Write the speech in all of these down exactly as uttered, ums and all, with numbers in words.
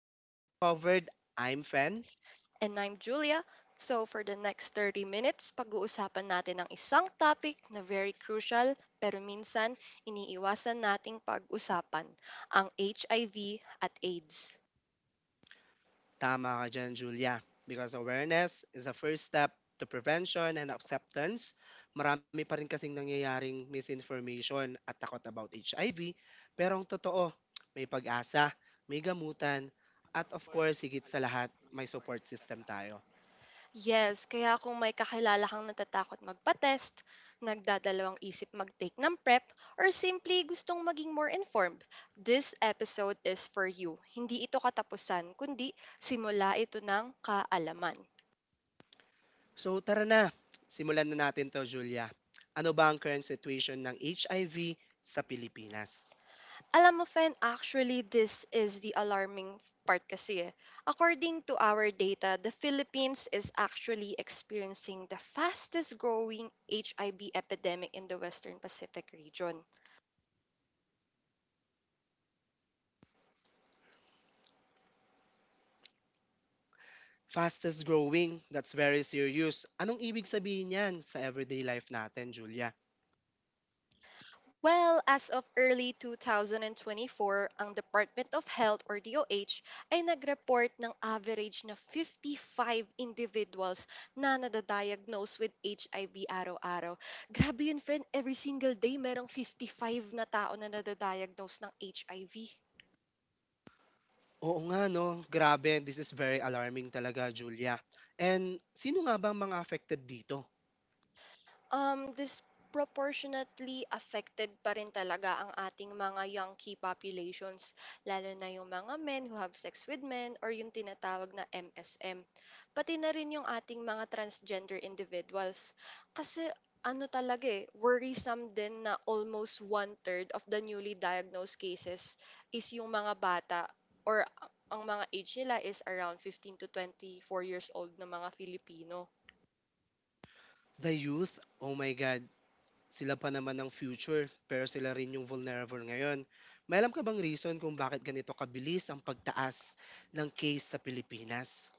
The Truth I'm Covered. I'm Fen. And I'm Julia. So for the next thirty minutes, pag-uusapan natin ang isang topic na very crucial pero minsan iniiwasan nating pag-usapan, ang H I V at AIDS. Tama ka dyan, Julia. Because awareness is the first step to prevention and acceptance. Marami pa rin kasing nangyayaring misinformation at takot about H I V. Pero ang totoo, may pag-asa, may gamutan, at of course, higit sa lahat, may support system tayo. Yes, kaya kung may kakilala kang natatakot magpa-test, nagdadalawang isip mag-take ng PrEP, or simply gustong maging more informed, this episode is for you. Hindi ito katapusan, kundi simula ito ng kaalaman. So tara na, simulan na natin to, Julia. Ano ba ang current situation ng H I V sa Pilipinas? Alam mo, Fen, actually, this is the alarming part kasi eh. According to our data, the Philippines is actually experiencing the fastest growing H I V epidemic in the Western Pacific region. Fastest growing, that's very serious. Anong ibig sabihin yan sa everyday life natin, Julia? Well, as of early two thousand twenty-four, ang Department of Health or D O H ay nagreport ng average na fifty-five individuals na nadadiagnose with H I V araw-araw. Grabe yun, friend. Every single day, merong fifty-five na tao na nadadiagnose ng H I V. Oo nga no, grabe, this is very alarming talaga, Julia. And sino nga bang mga affected dito? Um, disproportionately affected pa rin talaga ang ating mga young key populations, lalo na yung mga men who have sex with men or yung tinatawag na M S M. Pati na rin yung ating mga transgender individuals. Kasi ano talaga eh, worrisome din na almost one-third of the newly diagnosed cases is yung mga bata or ang mga age nila is around fifteen to twenty-four years old na mga Filipino. The youth, oh my God, sila pa naman ang future, pero sila rin yung vulnerable ngayon. May alam ka bang reason kung bakit ganito kabilis ang pagtaas ng case sa Pilipinas?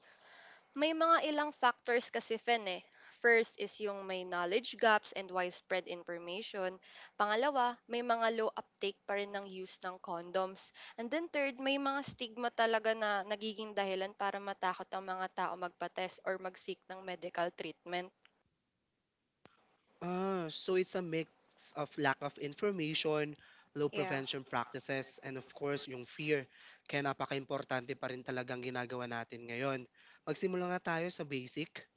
May mga ilang factors kasi Fen eh. First is yung may knowledge gaps and widespread information. Pangalawa, may mga low uptake pa rin ng use ng condoms. And then third, may mga stigma talaga na nagiging dahilan para matakot ang mga tao magpa-test or mag-seek ng medical treatment. Ah, so it's a mix of lack of information, low Yeah. prevention practices, and of course, yung fear. Kaya napaka-importante pa rin talagang ginagawa natin ngayon. Magsimula nga tayo sa basic.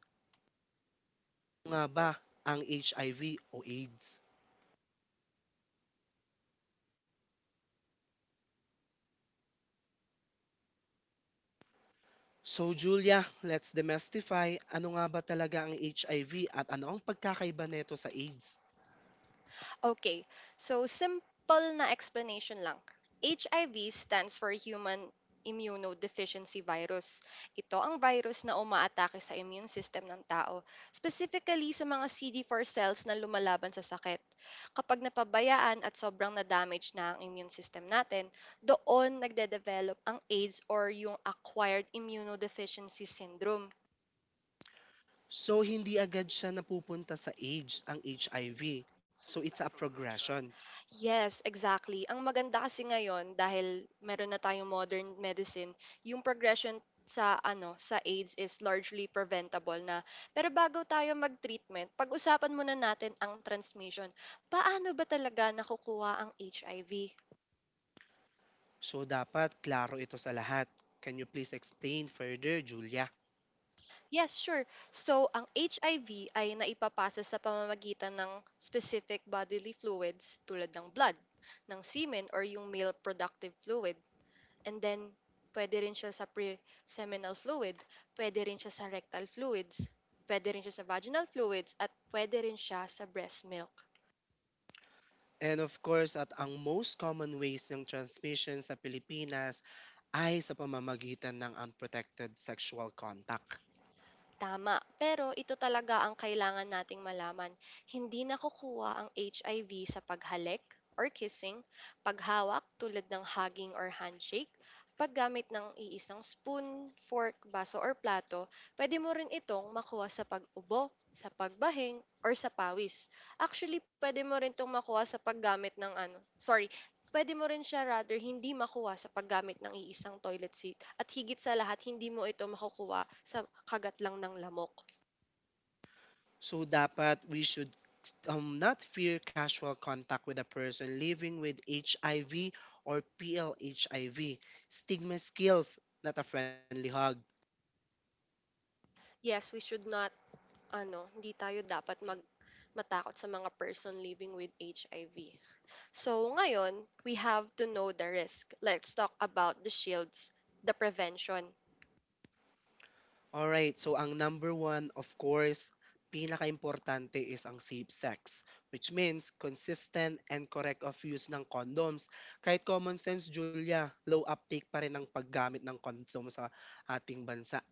Ano nga ba ang H I V o AIDS? So Julia, let's demystify ano nga ba talaga ang H I V at ano ang pagkakaiba nito sa AIDS. Okay, so simple na explanation lang. H I V stands for Human Immunodeficiency Virus. Ito ang virus na umaatake sa immune system ng tao, specifically sa mga C D four cells na lumalaban sa sakit. Kapag napabayaan at sobrang na-damage na ang immune system natin, doon nagde-develop ang AIDS or yung Acquired Immunodeficiency Syndrome. So hindi agad siya napupunta sa AIDS ang H I V. So it's a progression. Yes, exactly. Ang maganda kasi ngayon dahil meron na tayong modern medicine, yung progression sa ano, sa AIDS is largely preventable na. Pero bago tayo mag-treatment, pag-usapan muna natin ang transmission. Paano ba talaga nakukuha ang H I V? So dapat klaro ito sa lahat. Can you please explain further, Julia? Yes, sure. So, ang H I V ay naipapasa sa pamamagitan ng specific bodily fluids tulad ng blood, ng semen or yung male productive fluid. And then, pwede rin siya sa pre-seminal fluid, pwede rin siya sa rectal fluids, pwede rin siya sa vaginal fluids, at pwede rin siya sa breast milk. And of course, at ang most common ways ng transmission sa Pilipinas ay sa pamamagitan ng unprotected sexual contact. Tama, pero ito talaga ang kailangan nating malaman. Hindi nakukuha ang H I V sa paghalik or kissing, paghawak tulad ng hugging or handshake, paggamit ng iisang spoon, fork, baso or plato, pwede mo rin itong makuha sa pag-ubo, sa pagbahing, or sa pawis. Actually, pwede mo rin itong makuha sa paggamit ng ano, sorry, pwede mo rin siya rather hindi makuha sa paggamit ng iisang toilet seat at higit sa lahat, hindi mo ito makukuha sa kagat lang ng lamok. So dapat we should um, not fear casual contact with a person living with H I V or P L H I V. Stigma skills, not a friendly hug. Yes, we should not, ano, hindi tayo dapat mag matakot sa mga person living with H I V. So ngayon, we have to know the risk. Let's talk about the shields, the prevention. Alright, so ang number one, of course, pinaka-importante is ang safe sex, which means consistent and correct of use ng condoms. Kahit common sense, Julia, low uptake pa rin ang paggamit ng condom sa ating bansa.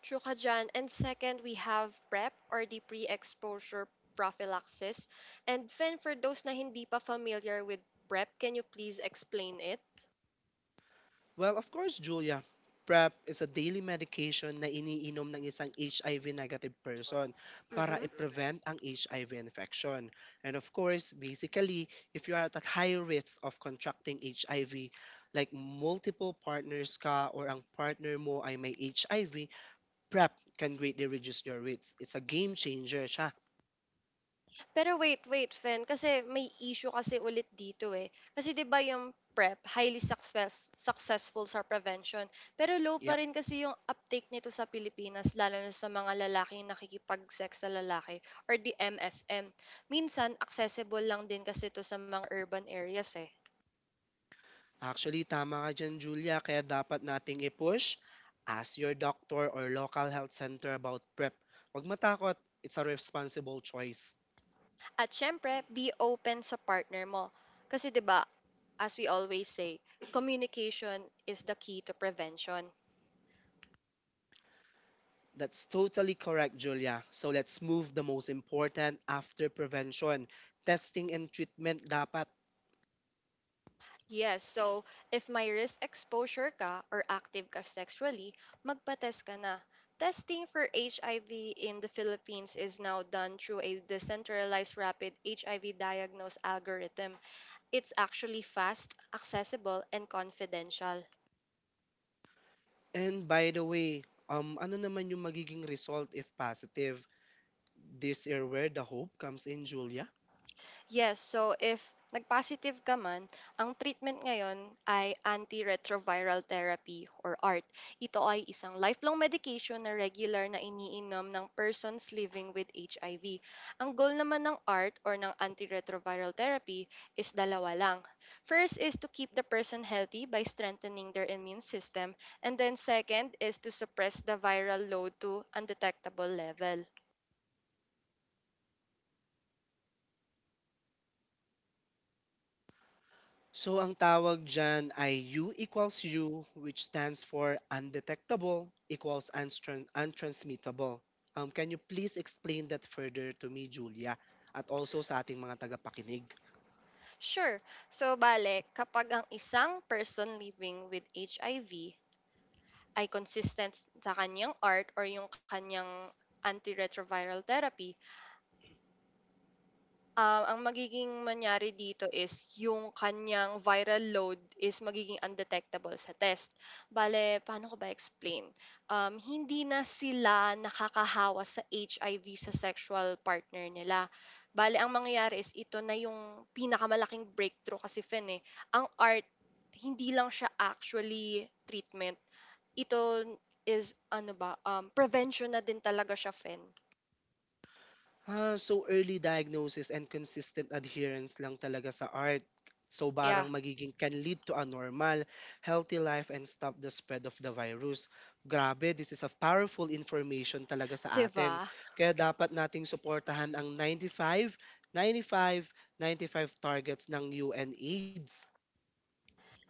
True ka dyan. And second, we have PrEP or the pre-exposure prophylaxis. And Fen, for those na hindi pa familiar with PrEP, can you please explain it? Well, of course, Julia. PrEP is a daily medication na iniinom ng isang H I V negative person para Mhm. i-prevent ang H I V infection. And of course, basically, if you are at a high risk of contracting H I V, like multiple partners ka or ang partner mo ay may H I V, PrEP can greatly reduce your risk. It's a game changer siya. Pero wait, wait, Fen, kasi may issue kasi ulit dito eh. Kasi 'di ba yung PrEP, highly success, successful sa prevention, pero low pa Yep. rin kasi yung uptake nito sa Pilipinas, lalo na sa mga lalaking nakikipag-sex sa lalaki or the M S M. Minsan, accessible lang din kasi ito sa mga urban areas eh. Actually, tama ka dyan, Julia. Kaya dapat nating i-push. Ask your doctor or local health center about PrEP. Huwag matakot. It's a responsible choice. At syempre, be open sa partner mo. Kasi 'di ba, as we always say, communication is the key to prevention. That's totally correct, Julia. So let's move the most important after prevention. Testing and treatment dapat. Yes, so if may risk exposure ka or active ka sexually, magpa-test ka na. Testing for H I V in the Philippines is now done through a decentralized rapid H I V diagnose algorithm. It's actually fast, accessible, and confidential. And by the way, um, ano naman yung magiging result if positive? This year where the hope comes in, Julia. Yes, so if nag-positive ka man, ang treatment ngayon ay antiretroviral therapy or A R T. Ito ay isang lifelong medication na regular na iniinom ng persons living with H I V. Ang goal naman ng A R T or ng antiretroviral therapy is dalawa lang. First is to keep the person healthy by strengthening their immune system, and then second is to suppress the viral load to undetectable level. So ang tawag dyan ay U equals U, which stands for undetectable equals untran- untransmittable. Um, can you please explain that further to me, Julia, at also sa ating mga tagapakinig? Sure. So, bale, kapag ang isang person living with H I V ay consistent sa kanyang art or yung kanyang antiretroviral therapy, ah, ang magiging mangyari dito is yung kanyang viral load is magiging undetectable sa test. Bale, paano ko ba explain? Um, hindi na sila nakakahawa sa H I V sa sexual partner nila. Bale, ang mangyayari is ito na yung pinakamalaking breakthrough kasi Fen eh. Ang art, hindi lang siya actually treatment. Ito is, ano ba, um, prevention na din talaga siya, Fen. Ah, so early diagnosis and consistent adherence lang talaga sa art. So barang Yeah. magiging can lead to a normal, healthy life and stop the spread of the virus. Grabe, this is a powerful information talaga 'Di sa ba? atin. Kaya dapat nating suportahan ang ninety-five, ninety-five, ninety-five targets ng U N AIDS.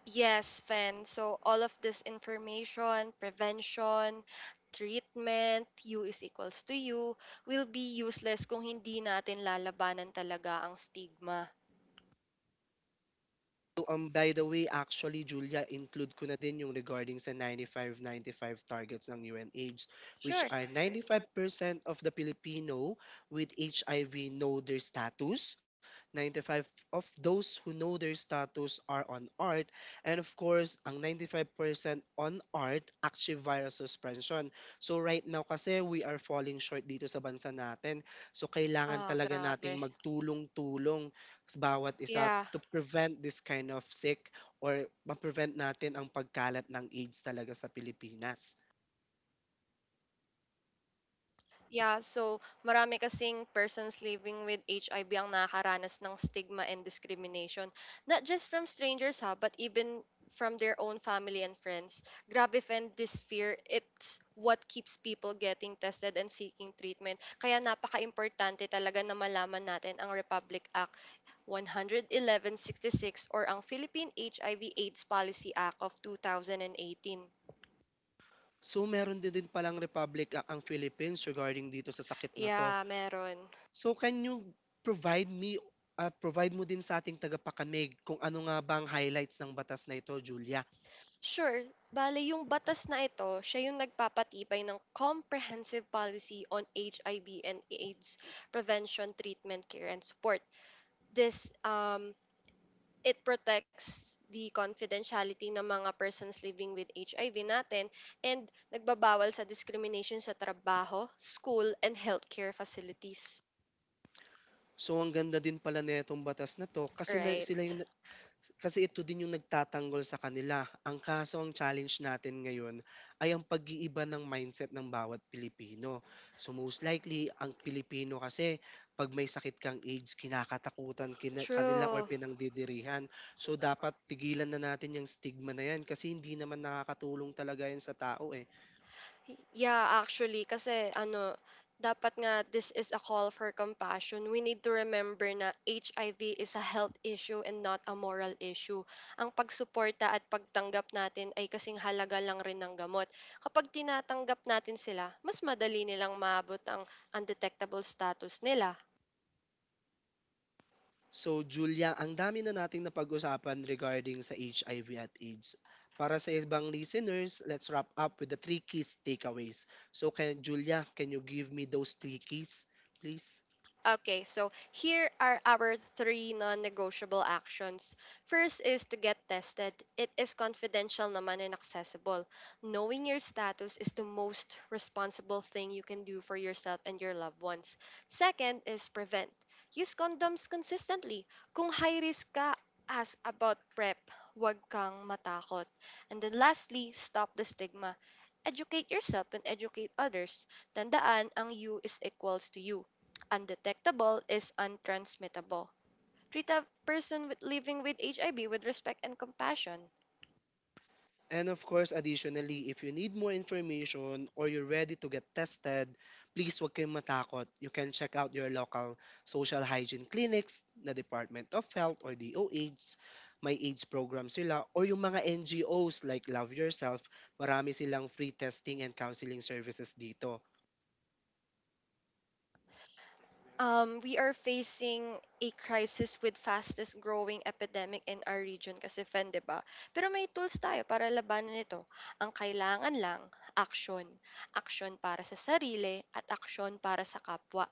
Yes, Fen. So all of this information, prevention, treatment, U is equals to U, will be useless kung hindi natin lalabanan talaga ang stigma. So, um, by the way, actually, Julia, include ko na din yung regarding sa ninety-five ninety-five targets ng U N H, Sure. which are ninety-five percent of the Filipino with H I V know their status, ninety-five of those who know their status are on A R T, and of course, ang ninety-five percent on A R T, active virus suspension. So, right now kasi, we are falling short dito sa bansa natin. So, kailangan Ah, talaga grabe. nating magtulong-tulong sa bawat isa Yeah. to prevent this kind of sick or ma-prevent natin ang pagkalat ng AIDS talaga sa Pilipinas. Yeah, so marami kasing persons living with H I V ang nakakaranas ng stigma and discrimination. Not just from strangers ha, but even from their own family and friends. Grabe friend, this fear, it's what keeps people getting tested and seeking treatment. Kaya napaka-importante talaga na malaman natin ang Republic Act one eleven point sixty-six or ang Philippine H I V AIDS Policy Act of twenty eighteen. So meron din din palang republic a- ang Philippines regarding dito sa sakit na to. Yeah, meron. So can you provide me at provide mo din sa ating tagapakamig kung ano nga ba ang highlights ng batas na ito, Julia? Sure. Bale, yung batas na ito, siya yung nagpapatibay ng comprehensive policy on H I V and AIDS prevention, treatment, care, and support. This, um, it protects the confidentiality ng mga persons living with H I V natin and nagbabawal sa discrimination sa trabaho, school, and healthcare facilities. So ang ganda din pala nitong batas na to kasi na, Right. sila yung kasi ito din yung nagtatanggol sa kanila. Ang kaso ang challenge natin ngayon ay ang pag-iiba ng mindset ng bawat Pilipino. So most likely, ang Pilipino kasi pag may sakit kang AIDS, kinakatakutan kina- kanila or True. pinangdidirihan. So dapat tigilan na natin yung stigma na yan kasi hindi naman nakakatulong talaga yan sa tao eh. Yeah, actually, kasi ano, dapat nga this is a call for compassion. We need to remember na H I V is a health issue and not a moral issue. Ang pagsuporta at pagtanggap natin ay kasing halaga lang rin ng gamot. Kapag tinatanggap natin sila, mas madali nilang maabot ang undetectable status nila. So, Julia, ang dami na nating napag-usapan regarding sa H I V at AIDS. Para sa ibang listeners, let's wrap up with the three keys takeaways. So, can, Julia, can you give me those three keys, please? Okay, so here are our three non-negotiable actions. First is to get tested. It is confidential naman and accessible. Knowing your status is the most responsible thing you can do for yourself and your loved ones. Second is prevent. Use condoms consistently. Kung high risk ka, ask about PrEP. Huwag kang matakot. And then lastly, stop the stigma. Educate yourself and educate others. Tandaan, ang you is equals to you. Undetectable is untransmittable. Treat a person with, living with H I V with respect and compassion. And of course, additionally, if you need more information or you're ready to get tested, please huwag kayong matakot. You can check out your local social hygiene clinics, na Department of Health or D O H, may AIDS program sila, or yung mga N G Os like Love Yourself, marami silang free testing and counseling services dito. Um, we are facing a crisis with fastest growing epidemic in our region kasi Fen, di ba? Pero may tools tayo para labanan ito. Ang kailangan lang, action. Action para sa sarili at action para sa kapwa.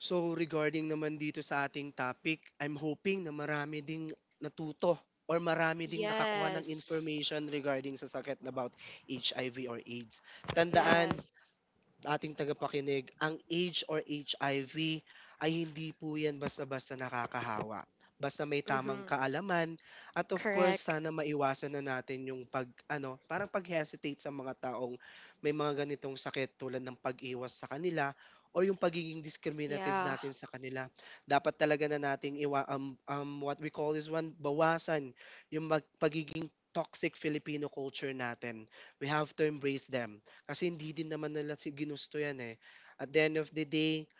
So regarding naman dito sa ating topic, I'm hoping na marami ding natuto or marami ding nakakuha Yes. ng information regarding sa sakit about H I V or AIDS. Tandaan, Yes. ating tagapakinig, ang AIDS or H I V ay hindi po yan basta-basta nakakahawa. Basta may Mhm. tamang kaalaman at of course sana maiwasan na natin yung pag ano, parang pag-hesitate sa mga taong may mga ganitong sakit tulad ng pag-iwas sa kanila or yung pagiging discriminative Marami natin sa kanila. Dapat talaga na nating iwa um, um, what we call is one bawasan yung mag, pagiging toxic Filipino culture natin. We have to embrace them kasi hindi din naman nila si ginusto yan, eh. At the end of the day,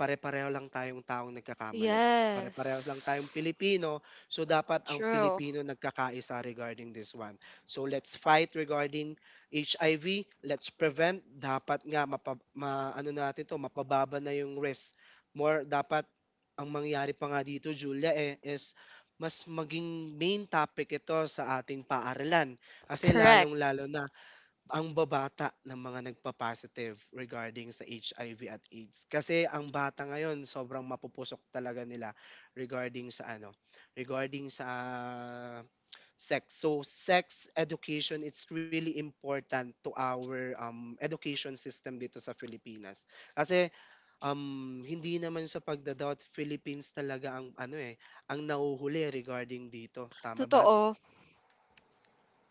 pare-pareho lang tayong taong tayong. nagkakamali. Pare-pareho lang tayong Yes. Pilipino. So, dapat ang Pilipino nagkakaisa regarding this one. So, let's fight regarding H I V. Let's prevent. Dapat nga, mapa, ma, ano natin to, mapababa na yung risk. More, dapat, ang mangyari pa nga dito, Julia, eh, is mas maging main topic ito sa ating paaralan. Kasi Kasi. lalong-lalo na ang babata ng mga nagpa-positive regarding sa H I V at AIDS. Kasi ang bata ngayon sobrang mapupusok talaga nila regarding sa ano, regarding sa ah, sex. So sex education it's really important to our um, education system dito sa Pilipinas. Kasi um, hindi naman sa pagda Philippines talaga ang ano eh, ang nahuhuli regarding dito. Tama ba? Totoo.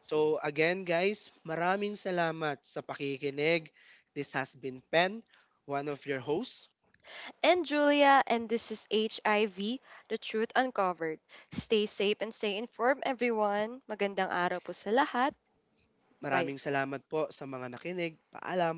So again guys, maraming salamat sa pakikinig. This has been Pen, one of your hosts. And Julia, and this is H I V, The Truth Uncovered. Stay safe and stay informed, everyone. Magandang araw po sa lahat. Maraming salamat po sa mga nakinig. Paalam.